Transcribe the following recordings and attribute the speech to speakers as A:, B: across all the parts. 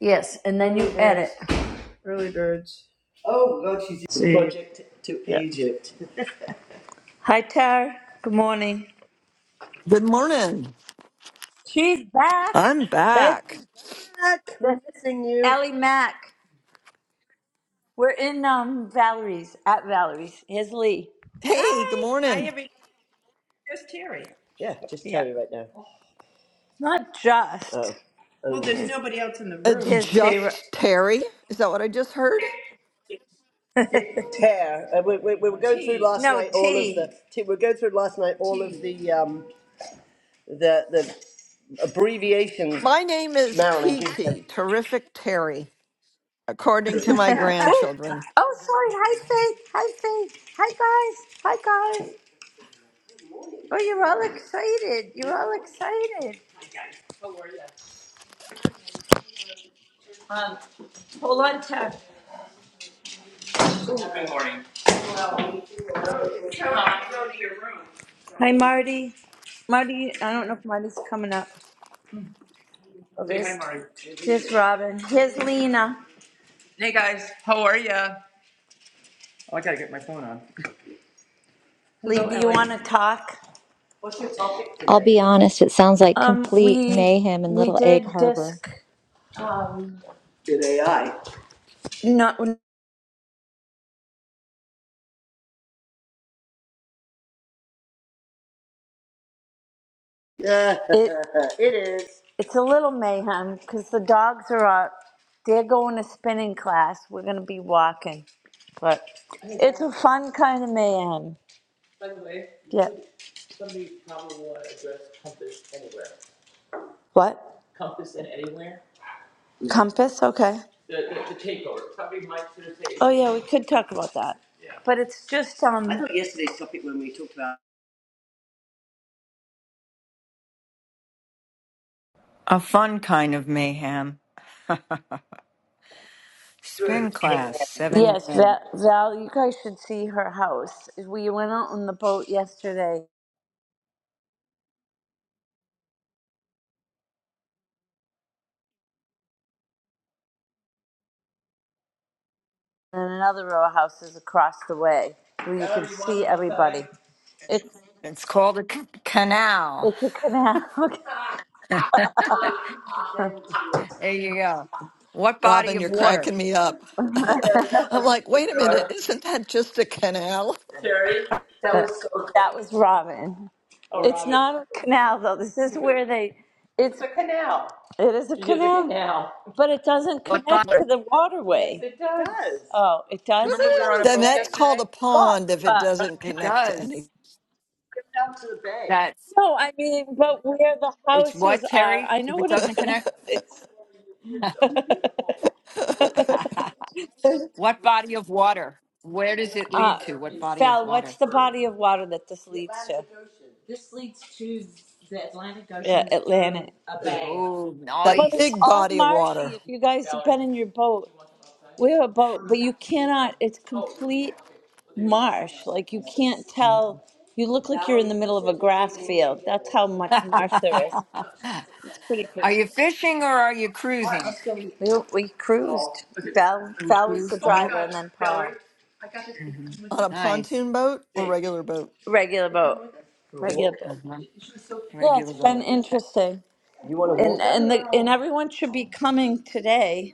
A: Yes, and then you edit. Oh God, she's in See. Project to Yeah. Egypt. Hi, Tara. Good morning.
B: Good morning.
A: She's back.
B: I'm
A: Thank
B: back.
A: There's you. Allie Mack. We're in um, Valerie's, at Valerie's. Here's Lee.
B: Hey, good morning.
A: Yeah, just Yeah. Terry yeah. right now. Not just. Oh, oh.
B: It's
A: J.
B: just Terry. Is that what I just heard?
A: Tear. Uh, we, we, we were going through last No, night all tea. of the. T. T- we were going through last night all tea. of the um the the abbreviations
B: My name is
A: Marilyn gives. her
B: TT, Terrific Terry, according to my
A: Oh,
B: grandchildren.
A: oh, sorry. Hi, Faith. Hi, Faith. Hi, guys. Hi, guys. Oh, you're all excited. You're all excited. Um, hold on, Ted. Hi, Marty. Marty, I don't know if Marty's coming up. Oh, Say hi, there's, Marty. there's Robin. Here's Lena. Hello, Lee, do you want to talk?
C: I'll
A: Today.
C: be honest, it sounds like
A: Um,
C: complete
A: we
C: mayhem in
A: we
C: Little Egg
A: did
C: Harbor.
A: disc. Did AI. No, It it is. it's a little mayhem because the dogs are out. They're going to spinning class. We're gonna be walking, but it's a fun kind of mayhem. Yeah. What? Compass? Okay. Oh yeah, we could talk about that. But it's just um. I thought you-
D: A fun kind of mayhem. Spin class, 7
A: Yes,
D: a.m.
A: Val, Val, you guys should see her house. We went out on the boat yesterday, and another row of houses across the way where you can see everybody. It's
D: It's called a c- canal.
A: it's a canal.
D: There you go. What body
B: Robin,
D: of
B: you're
D: water?
B: cracking me up. I'm like, wait a minute, isn't that just a canal?
A: That was so That was Robin. Oh, It's Robin. not a canal though. This is where they. It's it is a It is a canal, canal. but it doesn't
D: What body?
A: connect to the Yes, waterway. Yes, it is. Oh, it does.
D: Woohoo!
B: Then that's called a
A: Yes,
B: pond if it
A: but
B: doesn't
D: It
B: connect to
D: does.
B: any
D: That's
A: no, I mean, but where the
D: it's what
A: houses are,
D: Terry.
A: I
D: If
A: know
D: it
A: what a
D: doesn't
A: canal
D: connect,
A: is.
D: what body of water? Where does it
A: uh,
D: lead to? What body of
A: Val, what's
D: water?
A: the body of water that this leads to? Atlantic.
D: Oh,
A: But
B: that
A: it's
D: nice.
B: big
A: all
B: body of
A: marshy.
B: water
A: If you guys have been in your boat, we have a boat, but you cannot, it's complete marsh. Like you can't tell, you look like you're in the middle of a grass field. That's how much marsh there is. It's pretty cool.
D: are you fishing or are you cruising?
A: We, we cruised. Val,
D: We
A: Val was the
D: cruise. Nope.
A: driver and then Paul.
D: Mhm.
B: on a
D: Nice.
B: pontoon boat or regular boat.
A: Regular boat, regular boat.
D: Uh-huh.
A: Yeah,
D: Regular
A: it's been
D: vote.
A: interesting. You want to And, and the, and everyone should be coming today.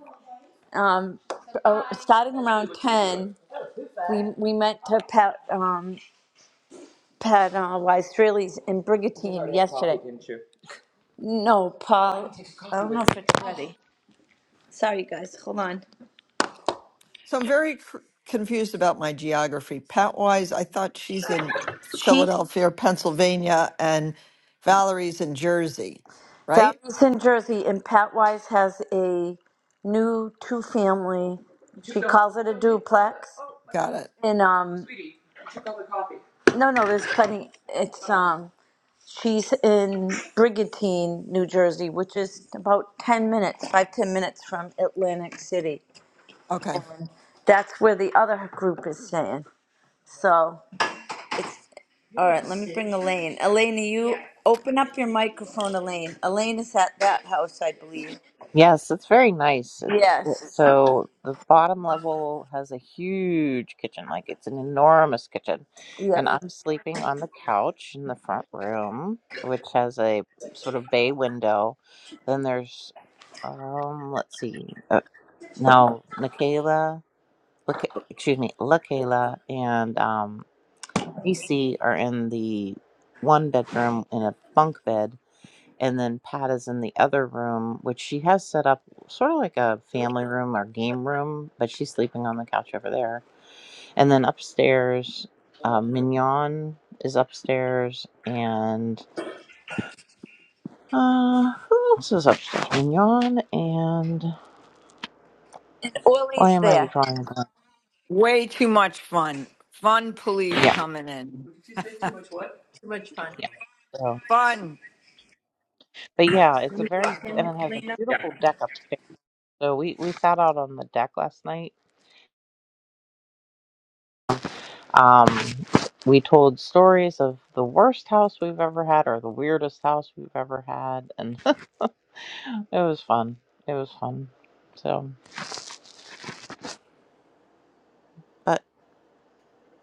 A: Um, uh, starting around ten, we, we meant to pa- Um. Pat uh, Weiss-Fraley's and Brigantine yesterday. No, Paul. I don't know if it's ready. Sorry, guys. Hold on.
B: So I'm very cr- confused about my geography. Pat Wise, I thought she's in
A: She,
B: Philadelphia, or Pennsylvania, and Valerie's in Jersey, right?
A: Valley's in Jersey, and Pat Wise has a new two-family. She it a duplex.
B: Got it.
A: And um, no, no, there's plenty. It's um, she's in Brigantine, New Jersey, which is about ten minutes, five ten minutes from Atlantic City.
B: Okay.
A: That's where the other group is staying. So it's All right, let me bring Elaine. Elaine, you open up your microphone, Elaine. Elaine is at that house, I believe.
E: Yes, it's very nice. It, it,
A: Yes.
E: so the bottom level has a huge kitchen, like it's an enormous kitchen. And
A: Yep.
E: I'm sleeping on the couch in the front room, which has a sort of bay window. Then there's, um, let's see, uh, now Nikayla, look, excuse me, LaKayla and um, AC are in the one bedroom in a bunk bed and then Pat is in the other room, which she has set up sort of like a family room or game room, but she's sleeping on the couch over there. And then upstairs, uh, Mignon is upstairs, and uh, who else is upstairs? Mignon and why
A: Ollie's
E: am I
A: there.
E: drawing a blank?
D: Way too much fun. Fun police
E: Yeah,
D: coming in.
E: yeah. So,
D: Fun.
E: but yeah, it's a very and it has a beautiful deck upstairs. So we we sat out on the deck last night Um, we told stories of the worst house we've ever had or the weirdest house we've ever had, and it was fun. It was fun. So, but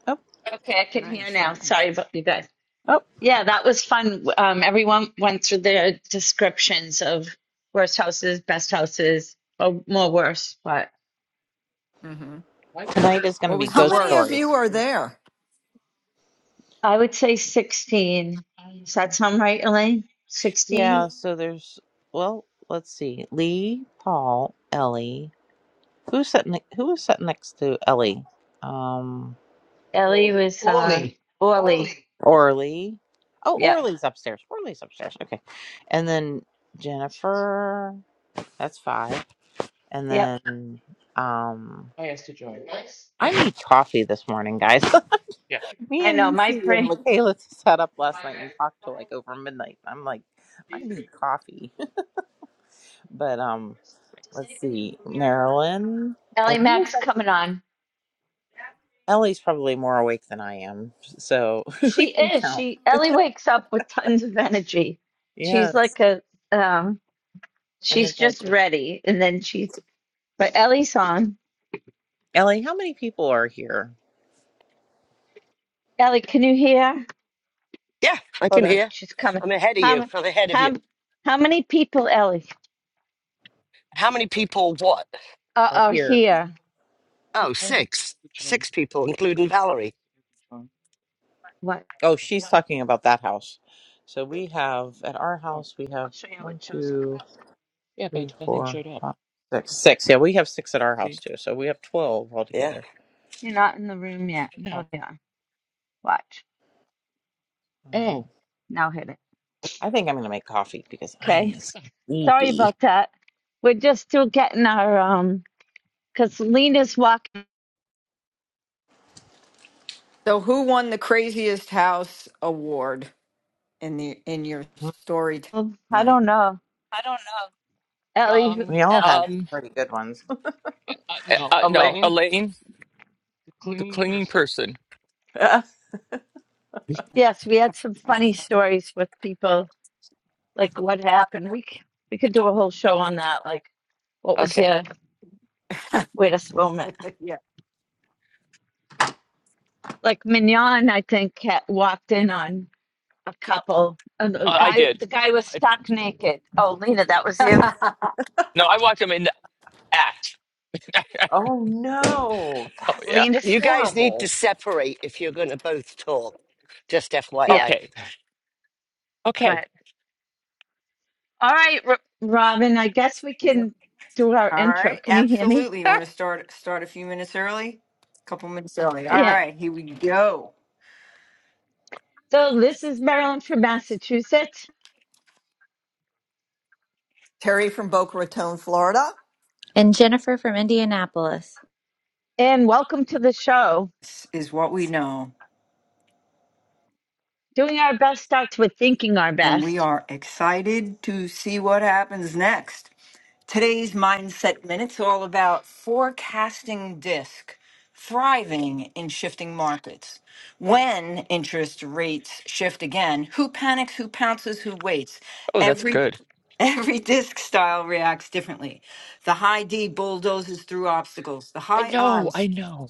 E: oh,
A: Okay, I can hear
D: Nice.
A: now.
D: nice.
A: Sorry about you guys.
E: oh,
A: Yeah, that was fun. Um, everyone went through their descriptions of worst houses, best houses, or more worse. But
D: hmm
E: tonight is going to
D: What
E: be
D: was the
B: How
E: ghost
B: many of
D: worst?
B: you
E: stories.
B: are there?
A: I would say 16. Does that sound right, Elaine?
E: Yeah.
A: 16?
E: So there's well, let's see, Lee, Paul, Ellie. Who's sitting? Who was sitting next to Ellie? Um,
A: Ellie was Orly.
E: Orly. Oh,
A: Yep,
E: Orly's upstairs. Orly's upstairs. Okay, and then Jennifer. That's five. And
A: yep.
E: then um I need coffee this morning, guys. Me
A: I
E: and
A: know my
E: Nisi and
A: brain.
E: Michaela sat up last night and talked till like over midnight. I'm like, I need coffee. but um let's see, Marilyn and
A: Ellie
E: who was
A: Mac's coming
E: actually
A: on.
E: Ellie's probably more awake than I am, so we
A: She
E: can
A: is.
E: count.
A: She Ellie wakes up with tons of energy. She's
E: Yes.
A: like a um
E: And
A: she's
E: it's
A: just
E: actually
A: ready and then she but Ellie's on.
E: Ellie, how many people are here?
A: Ellie, can you hear?
F: Yeah, I can
A: Hold on,
F: hear.
A: she's coming.
F: I'm ahead of you.
A: How m-
F: I'm ahead of
A: how
F: you.
A: m- how many people, Ellie,
F: How many people what?
A: are,
E: Are
A: are
E: here.
A: here?
F: Oh, six. Six people, including Valerie.
A: What?
E: Oh, she's talking about that house. So we have at our house we
A: I'll
E: have
A: show you how it
E: one,
A: shows up.
E: two. three, four, five, six. Six. Yeah, we have six at our house too, so we have twelve
F: Yeah.
E: altogether.
A: You're not in the room yet. Oh yeah. Watch.
E: Um,
A: Now hit it.
E: I think I'm gonna make coffee because I'm
A: Okay. Sorry
E: sleepy.
A: about that. We're just still getting our um because Lena's walking
D: So, who won the craziest house award in the in your story
A: I
D: tonight?
A: don't know.
E: We all had some pretty good ones.
G: The clinging person.
E: oh
A: Yes, we had some funny stories with people, like what happened. We c- we could do a whole show on that. Like, what was
G: Okay.
A: your weirdest moment?
D: yeah.
A: Like Mignon, I think, ha walked in on a couple, and the
G: Uh, I
A: guy
G: did.
A: the guy was
G: I,
A: stuck naked. Oh, Lena, that was you.
D: All
G: no, I watched him in the act.
E: no,
G: oh,
E: that's
G: yeah. Yeah.
A: Lena, s-
F: You guys need to
E: horrible.
F: separate if you're going to both talk. Just
A: yeah.
F: FYI.
G: Okay. Okay.
A: All right, R Robin. I guess we can do our intro.
D: right.
A: Can you hear me?
D: Absolutely. You want to start start a few minutes early? A couple minutes early. All
A: Yeah.
D: right. Here we go.
A: So this is Marilyn from Massachusetts,
B: Terry from Boca Raton, Florida.
C: And Jennifer from Indianapolis.
A: and welcome to the show.
D: This is what we know,
A: Doing our best starts with thinking our
D: and we
A: best.
D: are excited to see what happens next. Today's Mindset Minute's all about forecasting disk, thriving in shifting markets. When interest rates shift again, who panics, who pounces, who waits?
G: Oh, that's
D: Every
G: good.
D: every disk style reacts differently. The high D bulldozes through obstacles. The
G: I
D: high
G: know.
D: I
G: I know.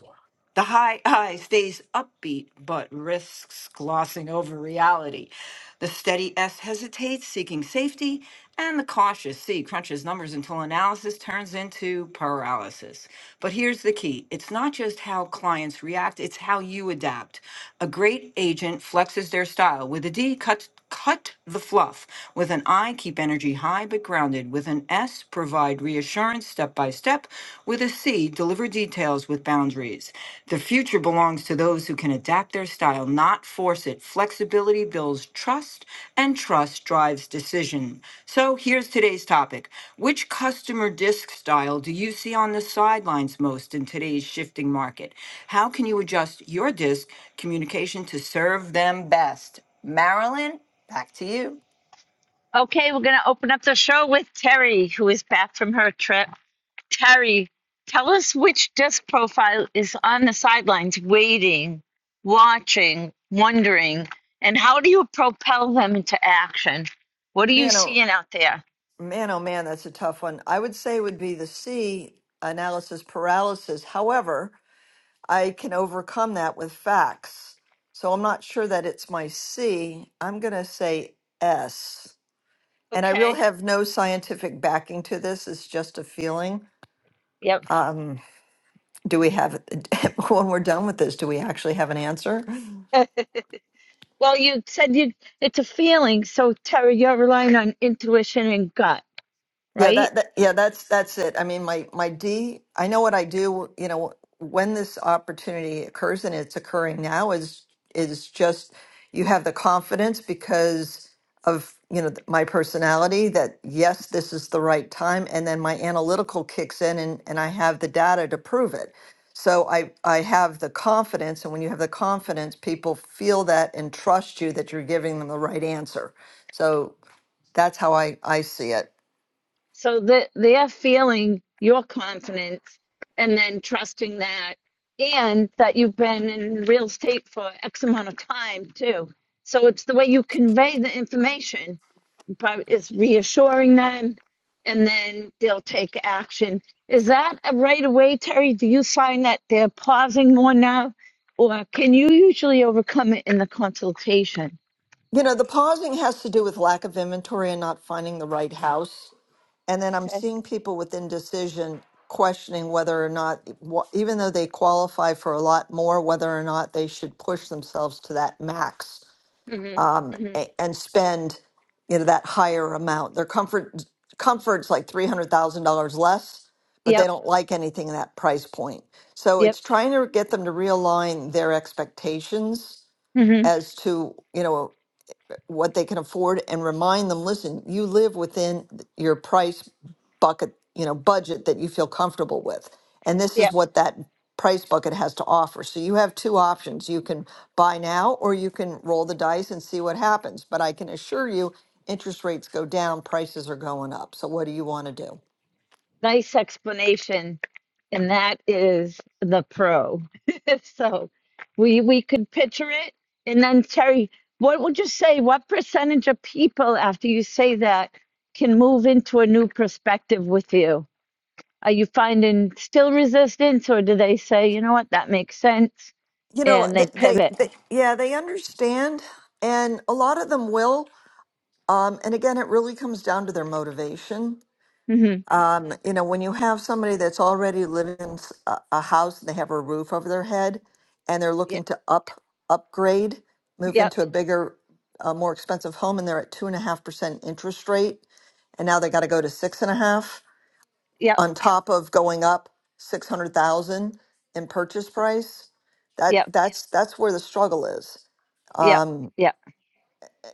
D: the high I stays upbeat but risks glossing over reality. The steady S hesitates, seeking safety, and the cautious C crunches numbers until analysis turns into paralysis. But here's the key it's not just how clients react, it's how you adapt. A great agent flexes their style. With a D, cut cut the fluff. With an I, keep energy high but grounded. With an S, provide reassurance step by step. With a C, deliver details with boundaries. The future belongs to those who can adapt their style, not force it. Flexibility Accountability builds trust, and trust drives decision. So here's today's topic Which customer disc style do you see on the sidelines most in today's shifting market? How can you adjust your disc communication to serve them best? Marilyn, back to you.
A: Okay, we're going to open up the show with Terry, who is back from her trip. Terry, tell us which disc profile is on the sidelines, waiting, watching, wondering, and how do you propel them into action? What are you
B: Man, oh
A: seeing out there?
B: man, oh man, that's a tough one. I would say it would be the C analysis paralysis. However, I can overcome that with facts. So I'm not sure that it's my C. I'm going to say S. And I really
A: Okay.
B: have no scientific backing to this. It's just a feeling.
A: Yep.
B: Do we have, when we're done with this, do we actually have an answer?
A: Well, you said you it's a feeling, so Terry, you're relying on intuition and gut,
B: Yeah,
A: right?
B: that, that yeah, that's that's it. I mean, my my D, I know what I do, you know, when this opportunity occurs and it's occurring now is is just you have the confidence because of, you know, th- my personality that yes, this is the right time and then my analytical kicks in and and I have the data to prove it. So I I have the confidence and when you have the confidence, people feel that and trust you that you're giving them the right answer. So that's how I I see it.
A: So that they're feeling your confidence and then trusting that, and that you've been in real estate for X amount of time too. So it's the way you convey the information, but it's reassuring them, and then they'll take action. Is that a right away, Terry? Do you find that they're pausing more now, or can you usually overcome it in the consultation?
B: You know, the pausing has to do with lack of inventory and not finding the right house. And then I'm
A: Okay.
B: seeing people with indecision questioning whether or not, wh- even though they qualify for a lot more, whether or not they should push themselves to that max um,
A: Mm-hmm. Mm-hmm.
B: a- and spend, you know, that higher amount. Their comfort comfort's like three hundred thousand dollars less, but they
A: Yep.
B: don't like anything in that price point. So
A: Yep.
B: it's trying to get them to realign their expectations
A: Mm-hmm.
B: as to you know what they can afford and remind them, listen, you live within your price bucket, you know, budget that you feel comfortable with. And this is what that price bucket has to offer. So you have two options. You can buy now or you can roll the dice and see what happens. But I can assure you interest rates go down, prices are going up. So what do you want to do?
A: nice explanation. And that is the pro. so we we could picture it. And then Terry, what would you say? What percentage of people after you say that can move into a new perspective with you? Are you finding still resistance or do they say, you know what, that makes sense?
B: You know,
A: And they
B: th- they,
A: pivot.
B: they yeah, they understand and a lot of them will. Um, and again, it really comes down to their motivation
A: Mm-hmm.
B: Um, you know, when you have somebody that's already living in s- a, a house and they have a roof over their head and they're
A: Yep.
B: looking to up upgrade, move
A: Yep.
B: into a bigger, uh, more expensive home, and they're at two and a half percent interest rate, and now they got to go to six and a half
A: Yep.
B: on top of going up six hundred thousand in purchase price. That
A: Yep.
B: that's that's where the struggle is.
A: Yep. Yep.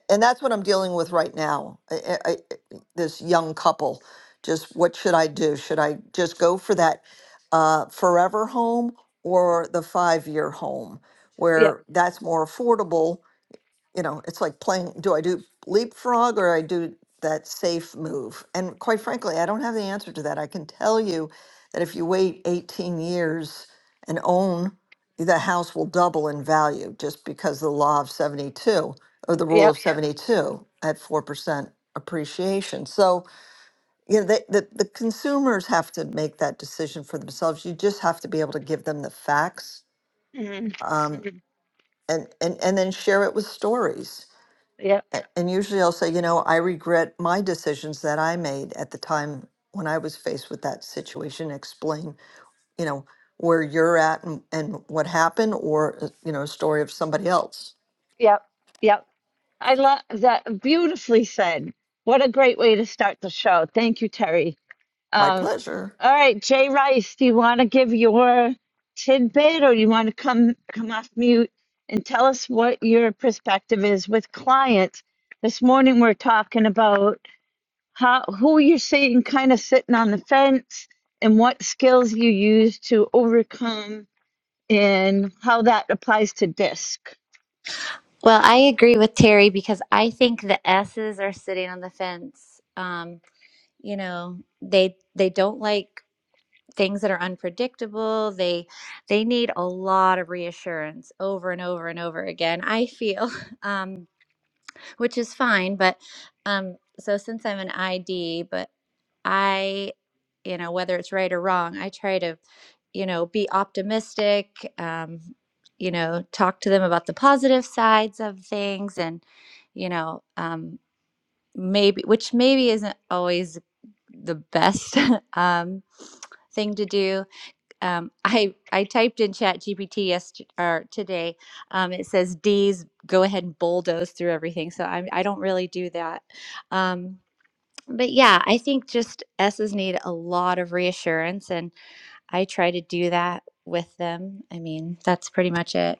B: and that's what I'm dealing with right now. I, I, I- this young couple, just what should I do? Should I just go for that uh, forever home or the five year home,
A: Yep.
B: where that's more affordable you know, it's like playing, do I do leapfrog or I do that safe move? And quite frankly, I don't have the answer to that. I can tell you that if you wait 18 years and own, the house will double in value just because the law of 72 or the rule
A: Yep.
B: of 72 at 4% appreciation. So, you know, the, the, the consumers have to make that decision for themselves. You just have to be able to give them the facts
A: Mm-hmm.
B: um,
A: Mm-hmm.
B: and, and, and then share it with stories
A: Yep.
B: a- And usually I'll say, you know, I regret my decisions that I made at the time when I was faced with that situation. Explain, you know, where you're at and, and what happened, or, uh, you know, a story of somebody else.
A: Yep. Yep. I love that. Beautifully said. What a great way to start the show. Thank you, Terry.
B: My
A: Um,
B: pleasure.
A: all right, Jay Rice, do you want to give your tidbit, or you want to come come off mute and tell us what your perspective is with clients? This morning we're talking about how who you're seeing kind of sitting on the fence and what skills you use to overcome and how that
C: Well, I agree with Terry because I think the S's are sitting on the fence. Um, you know, they they don't like things that are unpredictable. They they need a lot of reassurance over and over and over again. I feel. Um, which is fine. But um, so since I'm an ID, but I, you know, whether it's right or wrong, I try to, you know, be optimistic, um, you know, talk to them about the positive sides of things and, you know, um, maybe, which maybe isn't always the best um, thing to do um, I I typed in Chat GPT yesterday or today. Um, it says D's go ahead and bulldoze through everything. So I I don't really do that. Um, but yeah, I think just S's need a lot of reassurance, and I try to do that with them. I mean, that's pretty much it.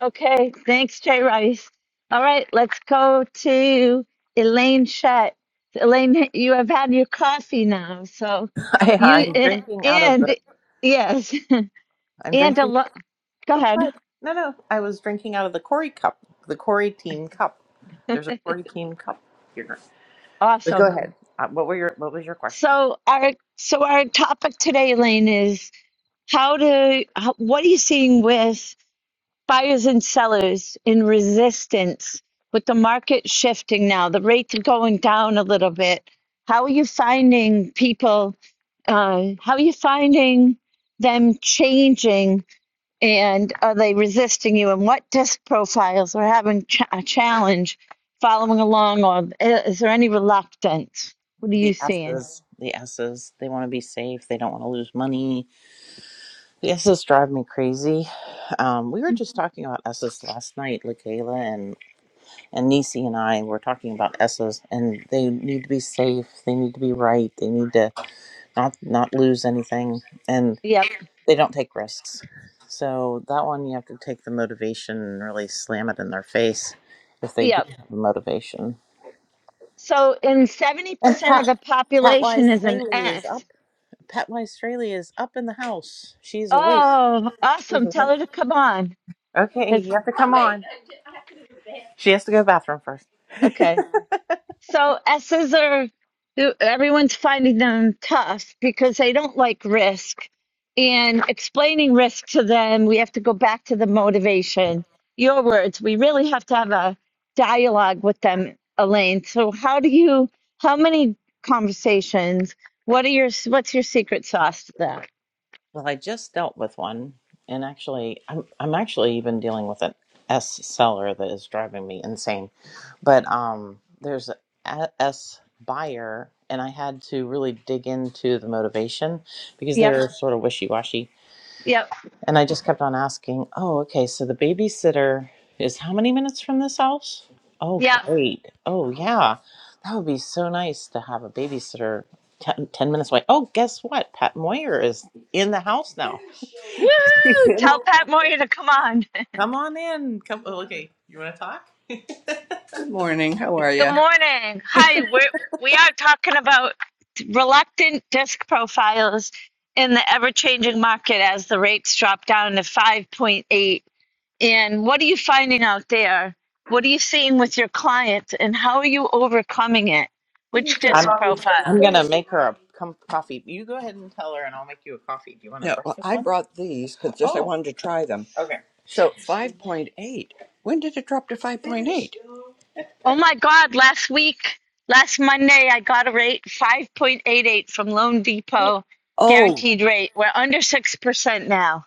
A: Okay, thanks, Jay Rice. All right, let's go to Elaine Shutt. Elaine, you have had your coffee now, so
E: I,
A: you
E: I'm drinking out of the.
A: and yes,
E: I'm
A: and a
E: drinking.
A: lot. Go
E: Oops,
A: ahead.
E: sorry. no, no. I was drinking out of the Corey cup, the Corey team cup. There's a Corey team cup here. But go
A: Awesome.
E: ahead. Uh, what were your What was your question?
A: So our so our topic today, Elaine, is how to how, what are you seeing with buyers and sellers in resistance with the market shifting now, the rates going down a little bit. How are you finding people? Uh, how are you finding them changing? And are they resisting you? And what disc profiles are having ch- a challenge following along? Or is there any reluctance? What are you
E: The
A: seeing?
E: S's, the S's, they want to be safe. They don't want to lose money. The S's drive me crazy. Um, we were just talking about S's last night. LaKayla and and Nisi and I were talking about S's, and they need to be safe. They need to be right. They need to not not lose anything, and
A: Yep,
E: they don't take risks. So that one, you have to take the motivation and really slam it in their face if they do
A: yep.
E: have a motivation.
A: So, in
E: And
A: 70% of
E: Pat
A: the
E: Pat Wise
A: population is an
E: Saley is up
A: S
E: Pat My Australia is up in the house. She's awake.
A: Oh, awesome. Tell her to come on.
E: Okay,
A: Cause
E: you have to come on. She has to go to the bathroom first.
A: okay. So S's are everyone's finding them tough because they don't like risk. And explaining risk to them, we have to go back to the motivation. Your words. We really have to have a dialogue with them, Elaine. So how do you how many conversations? What are your what's your secret sauce to that?
E: Well, I just dealt with one, and actually, I'm I'm actually even dealing with an S seller that is driving me insane. But um, there's a S buyer, and I had to really dig into the motivation because they
A: Yep.
E: were sort of wishy washy.
A: Yep.
E: And I just kept on asking, oh, okay, so the babysitter is how many minutes from this house? Oh,
A: Yep.
E: great. Oh, yeah. That would be so nice to have a babysitter ten, ten minutes away. Oh, guess what? Pat Moyer is in the house now.
A: Woo! Tell Pat Moyer to come on.
E: Come on in. Come. oh, Okay, you want to talk? Good morning. How are
A: Good
E: you?
A: morning. Hi, we're, we are talking about reluctant disc profiles in the ever changing market as the rates drop down to 5.8. And what are you finding out there? What are you seeing with your clients and how are you overcoming it? Which
E: I'm
A: disc
E: i
A: profile?
E: I'm gonna make her a com- coffee. You go ahead and tell her, and I'll make you a coffee. Do you want a No, well, breakfast I one? brought these because just I Oh, wanted to try them. okay. So 5.8. When did it drop to 5.8?
A: Oh my God, last week, last Monday, I got a rate 5.88 from Loan Depot,
E: Oh,
A: guaranteed rate. We're under 6% now.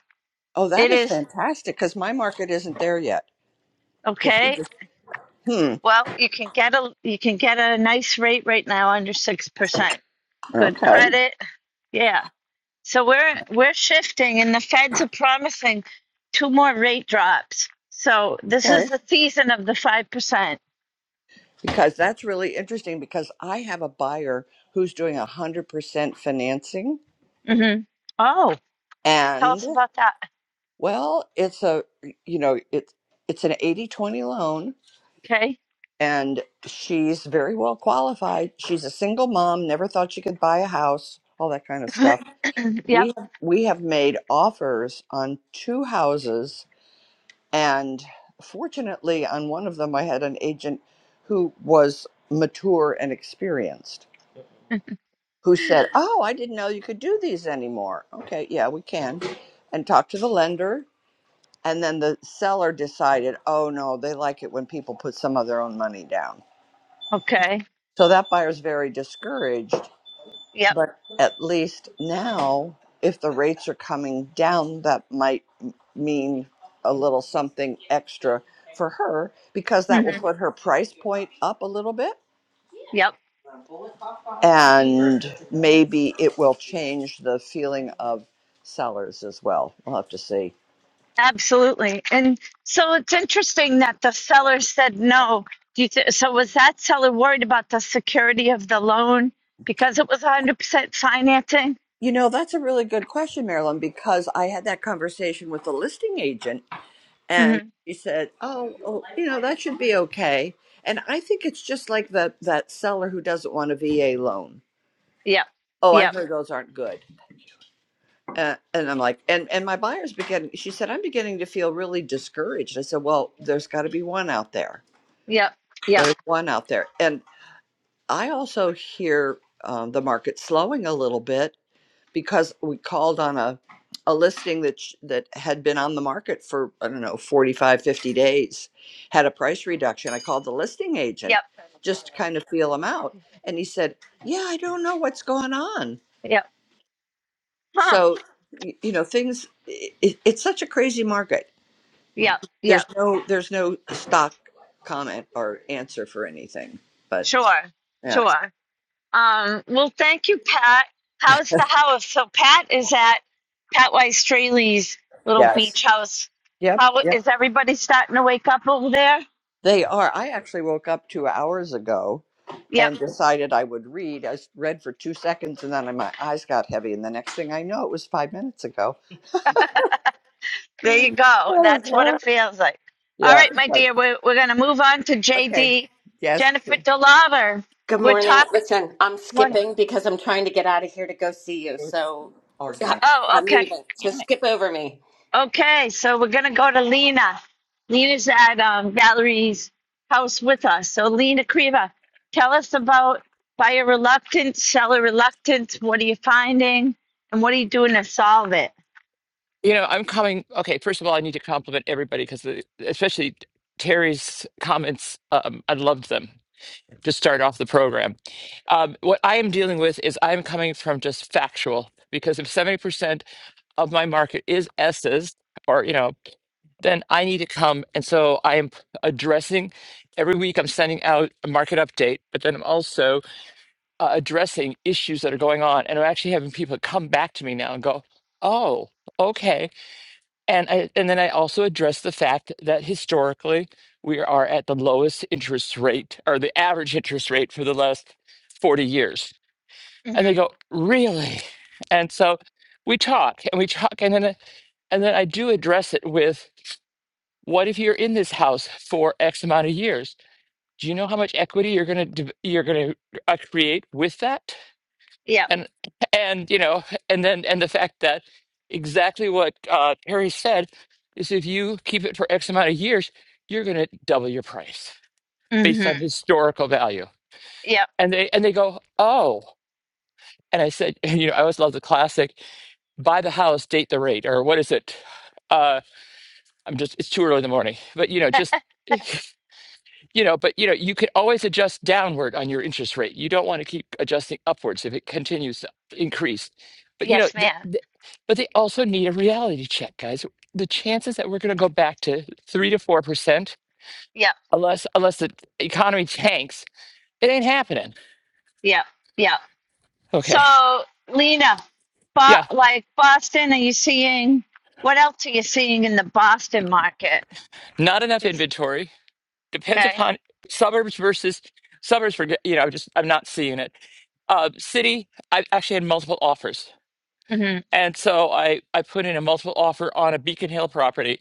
E: oh, that
A: It
E: is
A: is
E: fantastic because my market isn't there yet. Because we
A: okay.
E: just, hmm,
A: Well, you can get a you can get a nice rate right now under 6%. Good
E: okay,
A: credit. Yeah. So we're we're shifting and the feds are promising two more rate drops. So this
E: okay.
A: is the season of the 5%.
E: Because that's really interesting because I have a buyer who's doing 100% financing.
A: Mhm. Oh, tell
E: And
A: us about that.
E: well, it's a, you know, it's, it's an 80 20 loan
A: Okay.
E: and she's very well qualified. She's a single mom, never thought she could buy a house, all that kind of stuff.
A: yep.
E: We have, we have made offers on two houses, and fortunately, on one of them, I had an agent who was mature and experienced who said, "Oh, I didn't know you could do these anymore." Okay, yeah, we can, and talk to the lender. And then the seller decided, oh no, they like it when people put some of their own money down.
A: Okay.
E: So that buyer's very discouraged.
A: Yep.
E: But at least now, if the rates are coming down, that might m- mean a little something extra for her because that will
A: Mhm.
E: put her price point up a little bit.
A: Yep.
E: And maybe it will change the feeling of sellers as well. We'll have to see.
A: Absolutely. And so it's interesting that the seller said no. Do you th- so was that seller worried about the security of the loan because it was 100% financing?
E: You know, that's a really good question, Marilyn, because I had that conversation with a listing agent
A: hmm
E: and she said, "Oh, oh, you know that should be okay." And I think it's just like that that seller who doesn't want a VA loan.
A: Yep.
E: Oh, I
A: Yep.
E: heard those aren't good, uh, and I'm like, and and my buyer's beginning. She said, "I'm beginning to feel really discouraged." I said, "Well, there's got to be one out there.
A: Yep. Yep.
E: There's one out there." And I also hear um, the market slowing a little bit, because we called on a a listing that sh- that had been on the market for I don't know 45 50 days had a price reduction I called the listing agent
A: Yep.
E: just to kind of feel him out and he said yeah I don't know what's going on
A: Yep. Huh.
E: so y- you know things it, it's such a crazy market
A: Yep.
E: there's
A: Yep.
E: no there's no stock comment or answer for anything but
A: Sure.
E: yeah
A: Sure. Um, well, thank you, Pat. How's the house? So Pat is at Pat Weiss Straley's little
E: yes
A: beach house.
E: yep
A: How
E: yep
A: is everybody starting to wake up over there?
E: they are I actually woke up 2 hours ago
A: Yep.
E: and decided I would read. I read for two seconds and then my eyes got heavy. And the next thing I know, it was five minutes ago.
A: There you go. That's what it feels like. All
E: Yeah.
A: right, my
E: it's like,
A: dear, we're, we're going to move on to
E: Okay.
A: JD.
E: Yes.
A: Jennifer DeLauver,
H: Good
A: we're
H: morning.
A: talk.
H: Listen, I'm
A: Morning.
H: skipping because I'm trying to get out of here to go see you. So yeah,
E: Organic.
A: Oh,
H: I'm
A: okay.
H: leaving. So skip over me.
A: Okay, so we're going to go to Lena. Lena's at um, Valerie's house with us. So, Lena Kriva, tell us about buyer reluctance, seller reluctance. What are you finding? And what are you doing to solve it?
G: You know, I'm coming. Okay, first of all, I need to compliment everybody because, especially Terry's comments, um, I loved them to start off the program. Um, what I am dealing with is I'm coming from just factual because if 70% of my market is S's or, you know, then I need to come. And so I am addressing every week, I'm sending out a market update, but then I'm also uh, addressing issues that are going on. And I'm actually having people come back to me now and go, oh, okay and I, and then I also address the fact that historically we are at the lowest interest rate or the average interest rate for the last 40 years. And they
A: Mm-hmm.
G: go, "Really?" And so we talk and we talk and then I- and then I do address it with what if you're in this house for X amount of years? Do you know how much equity you're going to you're going to uh, create with that?
A: Yep.
G: and and you know and then and the fact that exactly what uh Perry said is if you keep it for X amount of years, you're gonna double your price based on
A: Mm-hmm.
G: historical value.
A: Yep.
G: And they and they go, Oh. And I said, you know, I always love the classic buy the house, date the rate, or what is it? Uh I'm just it's too early in the morning. But you know, just you know, but you know, you could always adjust downward on your interest rate. You don't want to keep adjusting upwards if it continues to increase. But you know,
A: Yes,
G: th
A: ma'am.
G: th but they also need a reality check, guys. The chances that we're going to go back to three to four percent,
A: Yep.
G: unless unless the economy tanks, it ain't happening.
A: Yep. Yep.
G: Okay,
A: So, Lena, but
G: yeah,
A: like Boston, are you seeing what else are you seeing in the Boston market?
G: not enough
A: It's,
G: inventory. Depends
A: okay.
G: upon suburbs versus suburbs. For you know, just I'm not seeing it. Uh, city, I've actually had multiple offers
A: hmm
G: And so I I put in a multiple offer on a Beacon Hill property.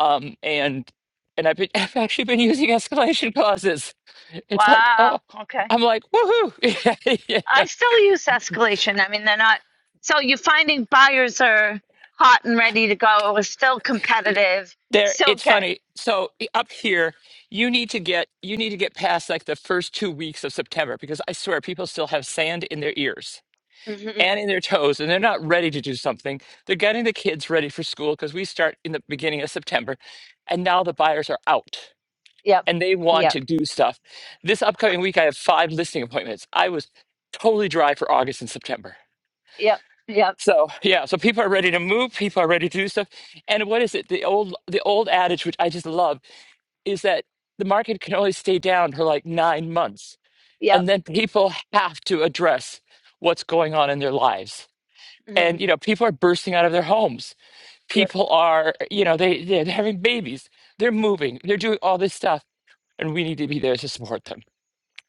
G: Um and and I've been I've actually been using escalation clauses. It's like, oh,
A: Wow. Okay.
G: I'm like, woohoo. You know,
A: I still use escalation. I mean, they're not. So you're finding buyers are hot and ready to go. It was still competitive.
G: There
A: Still
G: it's
A: get.
G: funny. So up here, you need to get you need to get past like the first two weeks of September because I swear people still have sand in their ears
A: hmm
G: and in their toes and they're not ready to do something. They're getting the kids ready for school because we start in the beginning of September and now the buyers are out
A: Yep.
G: and they want
A: Yep.
G: to do stuff. This upcoming week, I have five listing appointments. I was totally dry for August and September.
A: Yep. Yep.
G: So yeah, so people are ready to move. People are ready to do stuff. And what is it? The old the old adage, which I just love, is that the market can only stay down for like nine months,
A: Yep.
G: and then people have to address what's going on in their lives.
A: hmm
G: And you know, people are bursting out of their homes.
A: Yep.
G: People are, you know, they they're having babies. They're moving. They're doing all this stuff, and we need to be there to support them.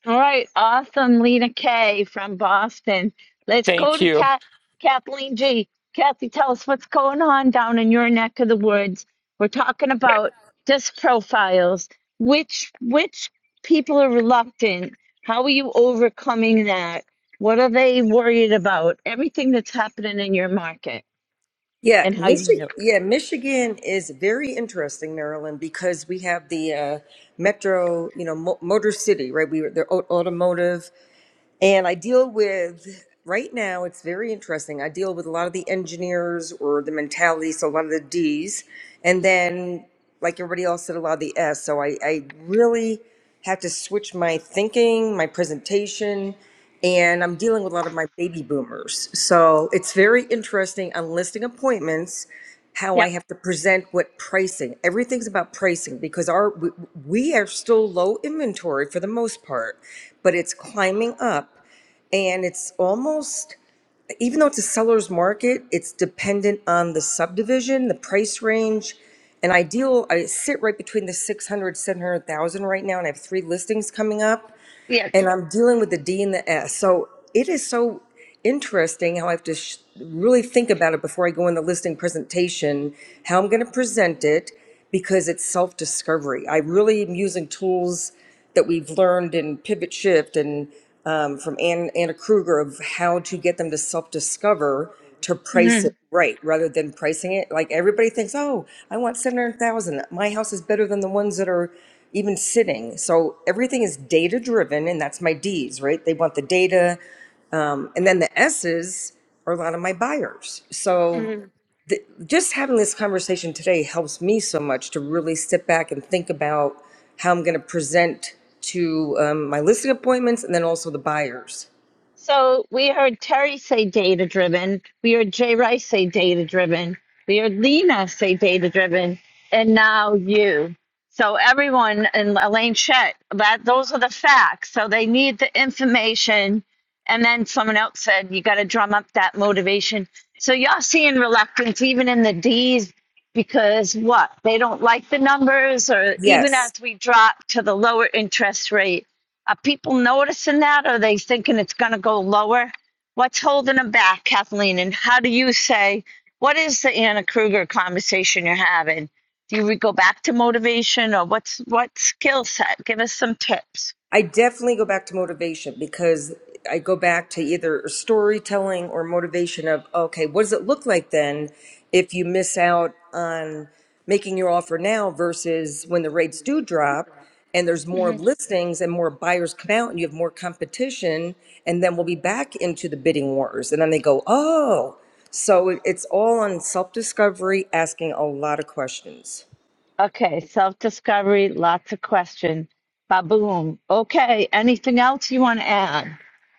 A: All right, awesome, Lena K from Boston. Let's go
G: Thank
A: to
G: you.
A: Cat Kathleen G. Kathy, tell us what's going on down in your neck of the woods. We're talking about disc profiles. Which which people are reluctant? How are you overcoming that? What are they worried about? Everything that's happening in your market
I: Yeah,
A: and how you handle.
I: Michi-
A: it.
I: yeah, Michigan is very interesting, Maryland, because we have the uh, metro, you know, mo- motor city, right? We were the au- automotive. And I deal with, right now, it's very interesting. I deal with a lot of the engineers or the mentality, so a lot of the D's. And then, like everybody else said, a lot of the S. So I, I really have to switch my thinking, my presentation, and I'm dealing with a lot of my baby boomers. So it's very interesting. I'm listing appointments how I
A: Yep.
I: have to present what pricing. Everything's about pricing because our we, we are still low inventory for the most part, but it's climbing up and it's almost even though it's a seller's market, it's dependent on the subdivision, the price range. And ideal, I sit right between the 600, 700,000 right now, and I have three listings coming up
A: Yes.
I: and I'm dealing with the D and the S. So it is so interesting how I have to sh- really think about it before I go in the listing presentation, how I'm going to present it, because it's self discovery. I really am using tools that we've learned in Pivot Shift and um, from Ann, Anna Kruger of how to get them to self discover to price
A: hmm
I: it right rather than pricing it. Like everybody thinks, oh, I want 700,000. My house is better than the ones that are even sitting. So everything is data driven, and that's my D's, right? They want the data. And then the S's are a lot of my buyers. So just having this conversation today helps me so much to really sit back and think about how I'm going to present to um, my listing appointments and then also the buyers.
A: So we heard Terry say data driven. We heard Jay Rice say data driven. We heard Lena say data driven, and now you. So everyone and Elaine Chet, that those are the facts. So they need the information, and then someone else said you got to drum up that motivation. So y'all seeing reluctance even in the D's because what they don't like the numbers, or even
I: Yes.
A: as we drop to the lower interest rate are people noticing that? Are they thinking it's going to go lower? What's holding them back, Kathleen? And how do you say, what is the Anna Kruger conversation you're having? Do we go back to motivation or what's what skill set? Give us some tips.
I: I definitely go back to motivation because I go back to either storytelling or motivation of, okay, what does it look like then if you miss out on making your offer now versus when the rates do drop and there's more
A: hmm
I: listings and more buyers come out and you have more competition and then we'll be back into the bidding wars and then they go, "Oh." So it- it's all on self-discovery, asking a lot of questions.
A: Okay, self discovery, lots of questions. Ba boom. Okay, anything else you want to add?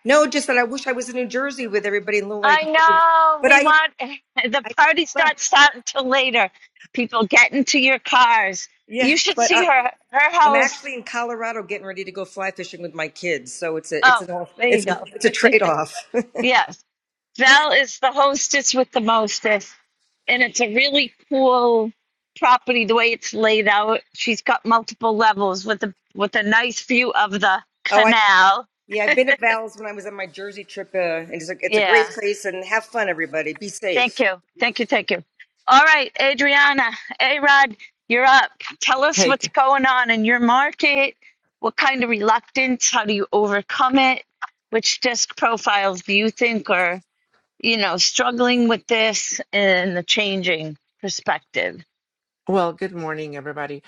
I: No, just that I wish I was in New Jersey with everybody in Little Lake
A: I
I: Harbor.
A: know
I: But
A: we
I: I
A: want the
I: I,
A: party's
I: but
A: not starting till later. People get into your cars.
I: yeah,
A: You should
I: but
A: see
I: I'm
A: her her
I: I'm
A: house.
I: actually in Colorado getting ready to go fly fishing with my kids, so it's a it's
A: Oh,
I: an all
A: there you
I: it's a
A: go.
I: it's a trade off.
A: Yes. Val is the hostess with the mostest. And it's a really cool property the way it's laid out. She's got multiple levels with a with a nice view of the
I: Oh, I
A: canal.
I: yeah, I've been at Val's when I was on my Jersey trip, uh, and it's a, it's a great
A: Yeah.
I: place. And have fun, everybody. Be
A: Thank
I: safe.
A: you. Thank you. Thank you. All right, Adriana, A Rod, you're up. Tell us what's
J: hey
A: going on in your market. What kind of reluctance? How do you overcome it? Which disc profiles do you think are, you know, struggling with this and the changing perspective?
J: Well, good morning, everybody.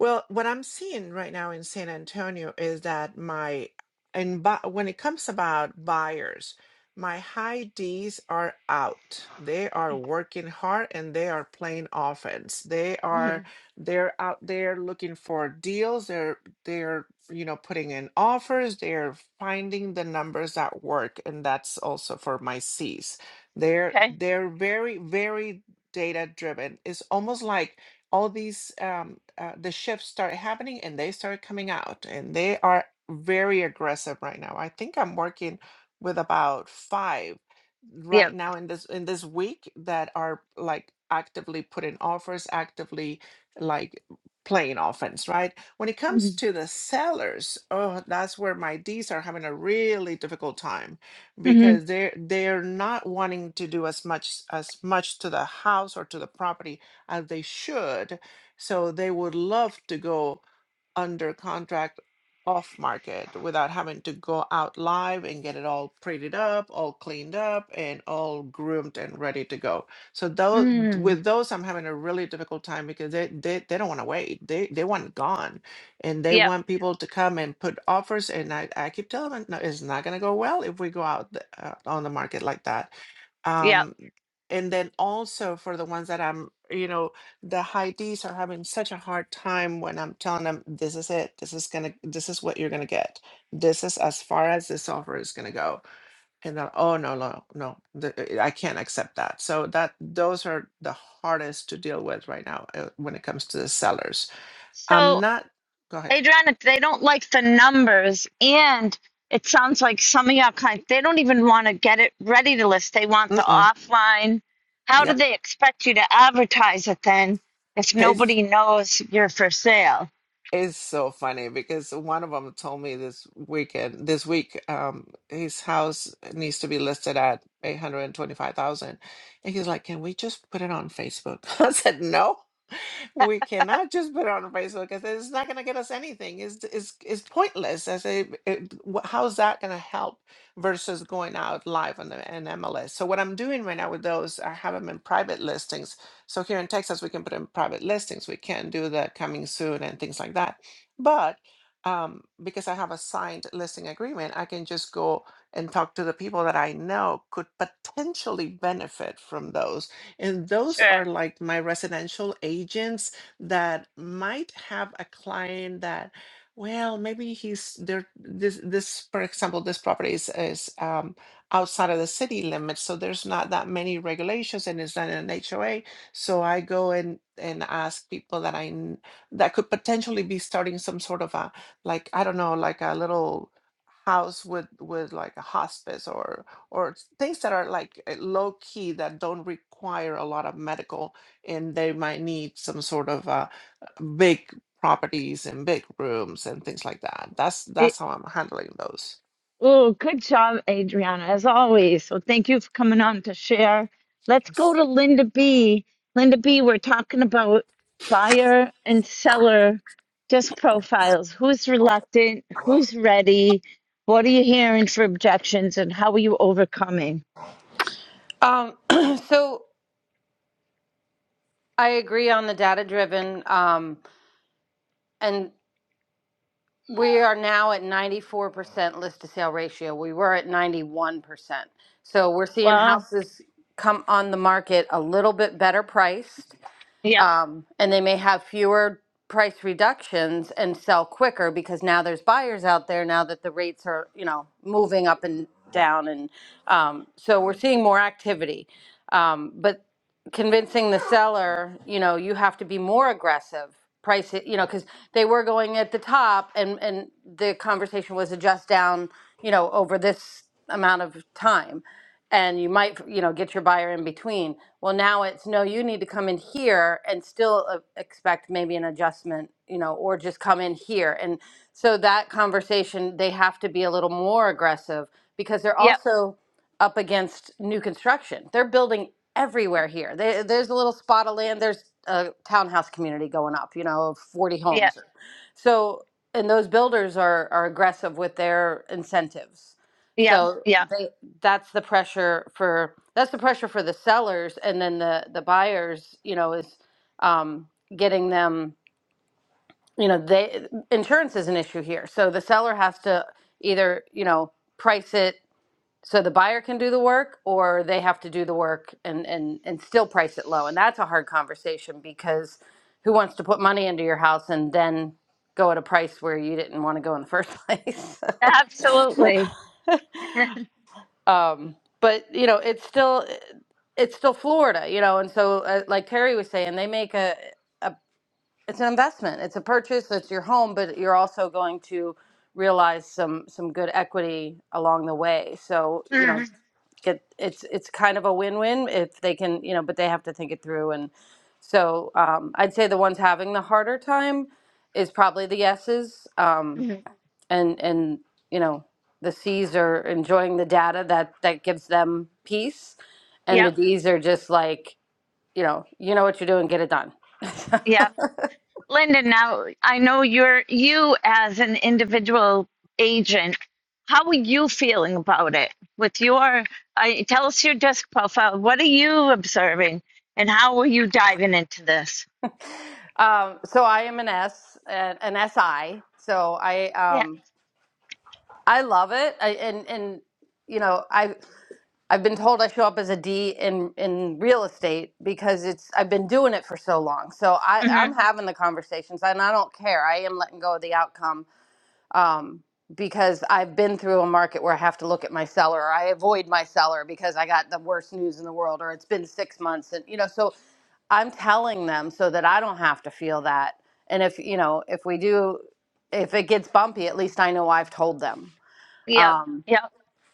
J: Well, what I'm seeing right now in San Antonio is that my and bu- when it comes about buyers, my high D's are out. They are working hard and they are playing offense. They
A: hmm
J: are they're out there looking for deals. They're they're you know putting in offers. They're finding the numbers that work, and that's also for my C's. They're
A: Okay.
J: they're very very data driven. It's almost like all these um, uh, the shifts started happening and they started coming out and they are very aggressive right now i think i'm working with about five
A: Yeah.
J: right now in this in this week that are like actively putting offers actively like playing offense right when it comes
A: Mm-hmm.
J: to the sellers oh that's where my d's are having a really difficult time because they're they're not wanting to do as much as much to the house or to the property as they should. So they would love to go under contract off market without having to go out live and get it all prettied up, all cleaned up, and all groomed and ready to go. So those
A: mm
J: with those, I'm having a really difficult time because they they, they don't want to wait. They they want it gone, and they
A: Yep.
J: want people to come and put offers. And I, I keep telling them, no, it's not going to go well if we go out the, uh, on the market like that.
A: Yep.
J: Um, and then also for the ones that I'm, you know, the high Ds are having such a hard time when I'm telling them this is it, this is gonna, this is what you're gonna get, this is as far as this offer is gonna go, and then oh no no no, th- uh, I can't accept that. So that those are the hardest to deal with right now uh, when it comes to the sellers. I'm
A: So
J: not. Go ahead.
A: Adriana, they don't like the numbers, and it sounds like some of your clients they don't even want to get it ready to list. They want the
J: Mm-mm.
A: offline. How do
J: Yep.
A: they expect you to advertise it then if nobody knows you're for sale?
J: It's so funny because one of them told me this weekend, this week, um, his house needs to be listed at 825,000. And he's like, "Can we just put it on Facebook?" I said, "No." we cannot just put it on Facebook because it's not going to get us anything. It's it's it's pointless. I say, it, wh- how's that going to help versus going out live on the an MLS? So what I'm doing right now with those, I have them in private listings. So here in Texas, we can put in private listings. We can do the coming soon and things like that. But um, because I have a signed listing agreement, I can just go and talk to the people that I know could potentially benefit from those and those
A: Sure.
J: are like my residential agents that might have a client that, well, maybe he's there. This, this, for example, this property is, is um, outside of the city limits, so there's not that many regulations, and it's not an HOA. So I go and and ask people that I kn- that could potentially be starting some sort of a like I don't know, like a little house with with like a hospice or or s- things that are like uh, low key that don't require a lot of medical and they might need some sort of uh, big properties and big rooms and things like that that's
A: It,
J: that's how i'm handling those
A: Oh, good job, Adriana, as always. So thank you for coming on to share. Let's go
J: things
A: to Linda B. Linda B, we're talking about buyer and seller just profiles. Who's reluctant? Who's ready? What are you hearing for objections and how are you overcoming?
K: Um, so I agree on the data driven. Um, and we are now at 94% list to sale ratio. We were at 91%. So we're seeing
A: Well,
K: houses come on the market a little bit better priced.
A: yep,
K: Um, and they may have fewer price reductions and sell quicker because now there's buyers out there now that the rates are, you know, moving up and down. And um, so we're seeing more activity. Um, but convincing the seller, you know, you have to be more aggressive. Price it, you know, because they were going at the top, and and the conversation was adjust down, you know, over this amount of time, and you might, you know, get your buyer in between. Well, now it's no, you need to come in here and still uh, expect maybe an adjustment, you know, or just come in here, and so that conversation they have to be a little more aggressive because they're
A: yep,
K: also up against new construction. They're building everywhere here. There there's a little spot of land. There's a townhouse community going up, you know, of 40
A: yep,
K: homes. So, and those builders are are aggressive with their incentives.
A: yep,
K: So
A: yep.
K: they that's the pressure for that's the pressure for the sellers, and then the the buyers, you know, is um, getting them. You know, they insurance is an issue here. So the seller has to either you know price it so the buyer can do the work or they have to do the work and and and still price it low. And that's a hard conversation because who wants to put money into your house and then go at a price where you didn't want to go in the first place? So,
A: Absolutely.
K: um but you know, it's still it's still Florida, you know, and so uh, like Terry was saying, they make a, a it's an investment. It's a purchase, it's your home, but you're also going to realize some some good equity along the way. So, you know, get it's it's kind of a win-win if they can you know but they have to think it through and so um, i'd say the ones having the harder time is probably the yeses um, and and you know the c's are enjoying the data that that gives them peace and the
A: yep,
K: d's are just like you know you know what you're doing get it done
A: yep. Linda, now I know you're you as an individual agent. How are you feeling about it? With your, I tell us your desk profile. What are you observing, and how are you diving into this?
K: um, so i am an s an, an si so i
A: Yeah.
K: um i love it I, and and you know, I I've been told I show up as a D in in real estate because it's I've been doing it for so long. So I
A: hmm
K: I'm having the conversations and I don't care. I am letting go of the outcome um, because I've been through a market where I have to look at my seller or I avoid my seller because I got the worst news in the world or it's been six months and you know so I'm telling them so that I don't have to feel that. And if you know, if we do, if it gets bumpy, at least I know I've told them.
A: Yep.
K: Um,
A: Yep.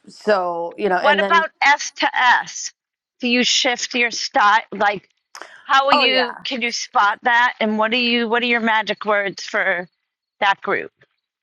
K: so you know,
A: What
K: and then
A: about S to S? Do you shift your style? Like, how are
K: oh yeah,
A: you? Can you spot that? And what are you? What are your magic words for that group?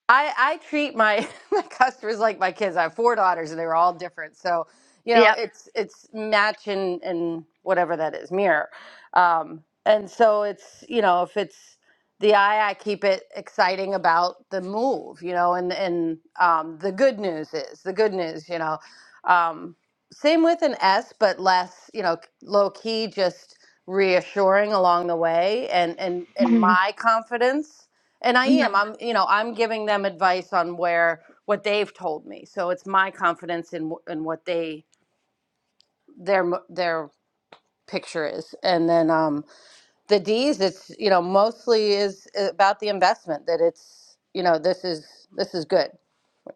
K: I, I treat my, my customers like my kids. I have four daughters and they were all different. So, you know,
A: Yep.
K: it's it's match and, and whatever that is, mirror. Um, and so it's, you know, if it's the eye, I keep it exciting about the move, you know, and, and um, the good news is the good news, you know. Um, same with an S, but less, you know, low key, just reassuring along the way and, and, and
A: hmm
K: my confidence and I am. I'm, you know, I'm giving them advice on where what they've told me. So it's my confidence in wh- in what they their m- their picture is. And then um the D's it's, you know, mostly is uh, about the investment that it's, you know, this is this is good.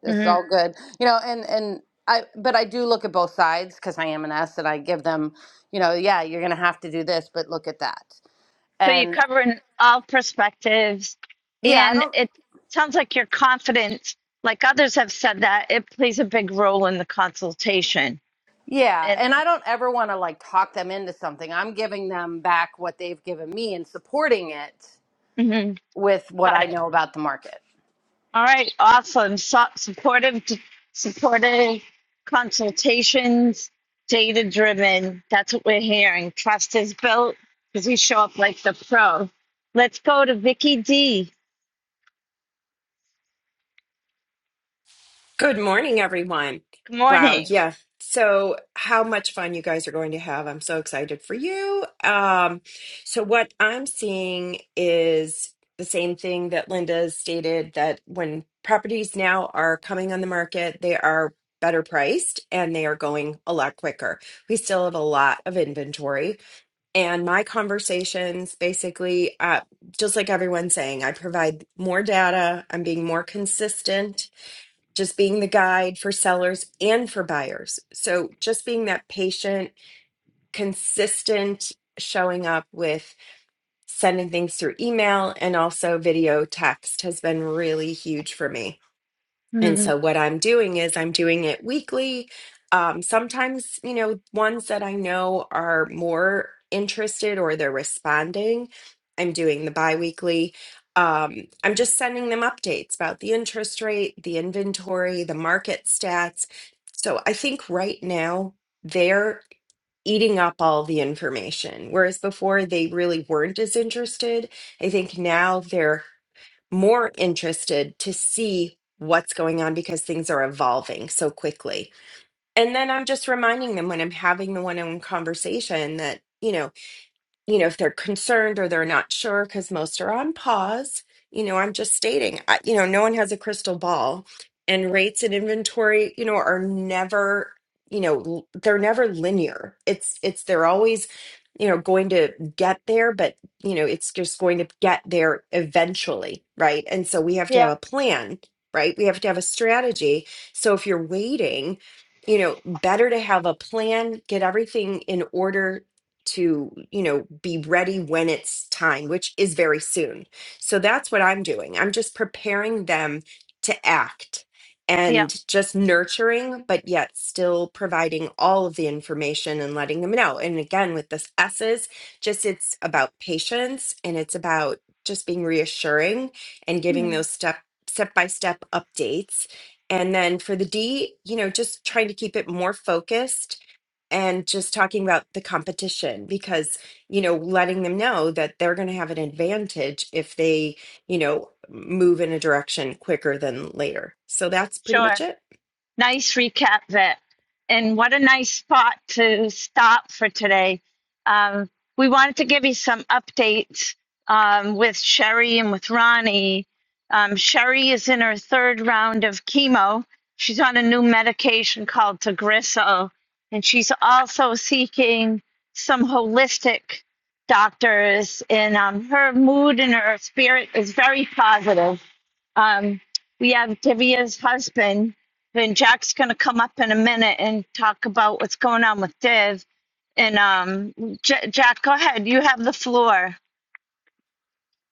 K: This is
A: hmm
K: all good. You know, and and I but I do look at both sides cuz I am an S and I give them, you know, yeah, you're going to have to do this, but look at that.
A: So you're
K: And
A: covering all perspectives,
K: yeah, I
A: and
K: don't.
A: it sounds like you're confident. Like others have said, that it plays a big role in the consultation.
K: Yeah,
A: And
K: and I don't ever want to like talk them into something. I'm giving them back what they've given me and supporting it
A: mhm,
K: with what
A: got
K: I
A: it.
K: know about the market.
A: All right, awesome. So, supportive, supportive consultations, data driven. That's what we're hearing. Trust is built because we show up like the pro. Let's go to Vicky D.
L: Good morning, everyone.
A: Good
L: Wow,
A: morning.
L: yeah. So, how much fun you guys are going to have. I'm so excited for you. Um, so, what I'm seeing is the same thing that Linda stated that when properties now are coming on the market, they are better priced and they are going a lot quicker. We still have a lot of inventory. And my conversations basically, uh, just like everyone's saying, I provide more data, I'm being more consistent just being the guide for sellers and for buyers. So just being that patient, consistent showing up with sending things through email and also video text has been really huge for me. And
A: Mhm.
L: so what I'm doing is I'm doing it weekly. Um, sometimes, you know, ones that I know are more interested or they're responding, I'm doing the biweekly. Um, I'm just sending them updates about the interest rate, the inventory, the market stats. So I think right now they're eating up all the information, whereas before they really weren't as interested. I think now they're more interested to see what's going on because things are evolving so quickly. And then I'm just reminding them when I'm having the one on one conversation that, you know, you know, if they're concerned or they're not sure, because most are on pause, you know, I'm just stating, I, you know, no one has a crystal ball. And rates and inventory, you know, are never, you know, l- they're never linear. It's, it's, they're always, you know, going to get there, but, you know, it's just going to get there eventually. Right. And so we have to have
A: Yep.
L: a plan, right? We have to have a strategy. So if you're waiting, you know, better to have a plan, get everything in order to you know be ready when it's time which is very soon so that's what i'm doing i'm just preparing them to act
A: Yep.
L: and just nurturing but yet still providing all of the information and letting them know and again with this s's just it's about patience and it's about just being reassuring and giving
A: Mhm.
L: those step step by step updates and then for the d you know just trying to keep it more focused and just talking about the competition because you know letting them know that they're going to have an advantage if they you know move in a direction quicker than later so that's pretty much
A: Sure.
L: it
A: Nice recap, Vic. And what a nice spot to stop for today. Um, we wanted to give you some updates um, with Sherry and with Ronnie. Um, Sherry is in her third round of chemo. She's on a new medication called Tagrisso, and she's also seeking some holistic doctors. And um, her mood and her spirit is very positive. Um, we have Divya's husband, and Jack's going to come up in a minute and talk about what's going on with Div. And um, J- Jack, go ahead. You have the floor.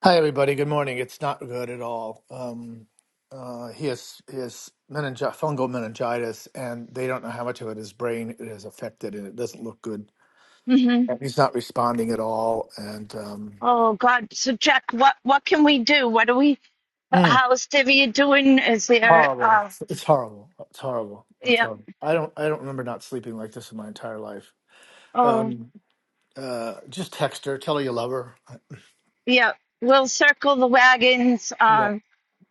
M: Hi, everybody. Good morning. It's not good at all. Um, uh, he has he has meningi- fungal meningitis, and they don't know how much of it his brain it has affected, and it doesn't look good.
A: hmm
M: And He's not responding at all, and um,
A: Oh God. So Jack, what what can we do? What do we?
M: mm,
A: How's Divya doing? Is there?
M: horrible.
A: Uh,
M: It's it's horrible. It's horrible. It's
A: yeah.
M: horrible. I don't I don't remember not sleeping like this in my entire life.
A: Oh
M: Um, uh, just text her. Tell her you love her.
A: yeah. We'll circle the wagons.
M: Yep.
A: Um,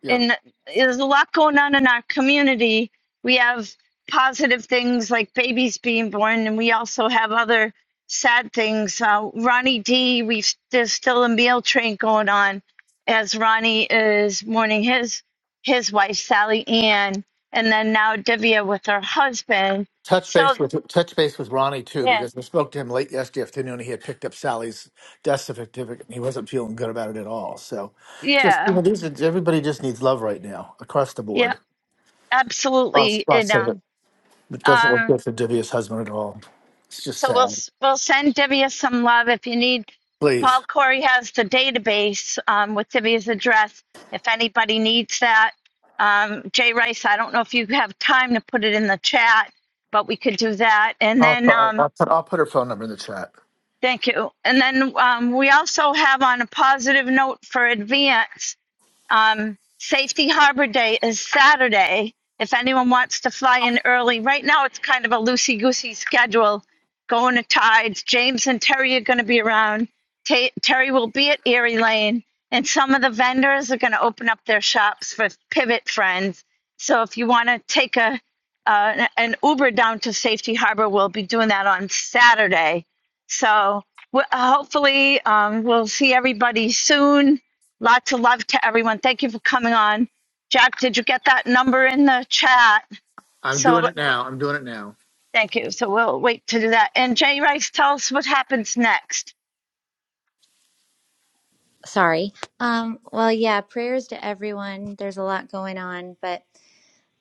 M: Yep.
A: and there's a lot going on in our community. We have positive things like babies being born, and we also have other sad things. Uh, Ronnie D, we've there's still a meal train going on as Ronnie is mourning his his wife Sally Ann, and then now Divya with her husband.
M: touch
A: So
M: base with touch base with Ronnie too
A: yeah,
M: because I spoke to him late yesterday afternoon. He had picked up Sally's death certificate and he wasn't feeling good about it at all. So, just you know,
A: yeah,
M: these are, everybody just needs love right now across the
A: yeah,
M: board. Awesome.
A: absolutely. You know,
M: It doesn't look
A: um,
M: good for Divya's husband at all. It's just
A: So we'll
M: sad.
A: s- we'll send Divya some love if you need.
M: Please,
A: Paul Corey has the database um, with Divya's address. If anybody needs that, um, Jay Rice, I don't know if you have time to put it in the chat, but we could do that. And
M: I'll,
A: then
M: I'll,
A: um,
M: I'll put, I'll put her phone number in the chat.
A: thank you. And then um, we also have on a positive note for advance. Um, Safety Harbor Day is Saturday. If anyone wants to fly in early, right now it's kind of a loosey goosey schedule. Going to Tides. James and Terry are going to be around. Ta Terry will be at Erie Lane, and some of the vendors are going to open up their shops for Pivot Friends. So if you want to take a uh, an Uber down to Safety Harbor, we'll be doing that on Saturday. So w- hopefully um, we'll see everybody soon Lots of love to everyone. Thank you for coming on. Jack, did you get that number in the chat?
M: I'm doing
A: So
M: it now. I'm doing it now.
A: thank you. So we'll wait to do that. And Jay Rice, tell us what happens next.
C: Sorry. Um, well, yeah, prayers to everyone. There's a lot going on, but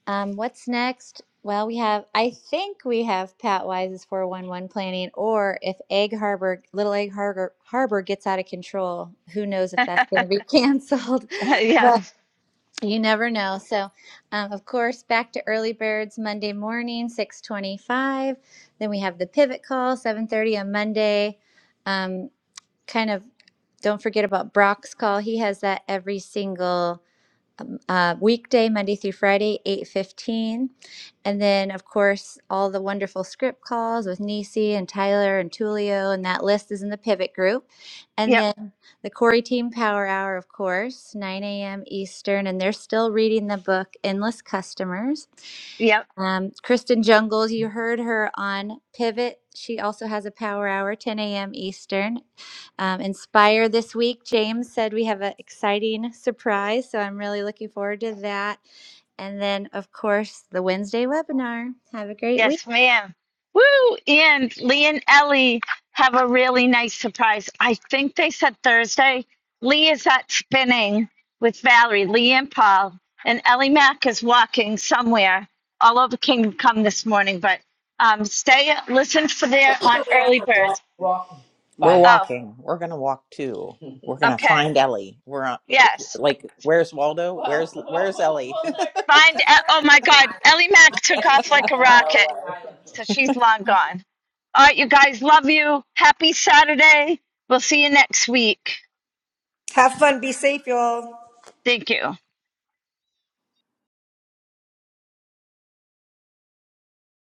C: Um, what's next? Well, we have, I think we have Pat Wise's 411 planning, or if Egg Harbor, Little Egg Harbor, Harbor gets out of control, who knows if that's going to be canceled.
A: yeah.
C: But you never know. So, um, of course, back to early birds Monday morning, 625. Then we have the pivot call, 730 on Monday. Um, kind of don't forget about Brock's call. He has that every single um, uh, weekday, Monday through Friday, 8.15. And then, of course, all the wonderful script calls with Nisi and Tyler and Tulio, and that list is in the pivot group. And
A: Yep.
C: then the Corey Team Power Hour, of course, 9 a.m. Eastern, and they're still reading the book Endless Customers.
A: Yep.
C: Um, Kristen Jungles, you heard her on Pivot. She also has a power hour, 10 a.m. Eastern. Um, Inspire this week. James said we have an exciting surprise, so I'm really looking forward to that. And then, of course, the Wednesday webinar. Have a great week.
A: Yes, ma'am. Woo! And Lee and Ellie have a really nice surprise. I think they said Thursday. Lee is at spinning with Valerie, Lee and Paul, and Ellie Mack is walking somewhere all over Kingdom Come this morning. But um, stay, listen for there on Early Birds.
E: Organic. We're Bye.
A: Oh,
E: walking. We're gonna walk too. We're gonna
A: okay.
E: find Ellie. We're on,
A: Yes.
E: like, where's Waldo? Where's where's Ellie?
A: Find, E-, oh my God, Ellie Mac took off like a rocket. So she's long gone. All right, you guys, love you. Happy Saturday. We'll see you next week.
I: Have fun. Be safe, y'all.
A: Thank you.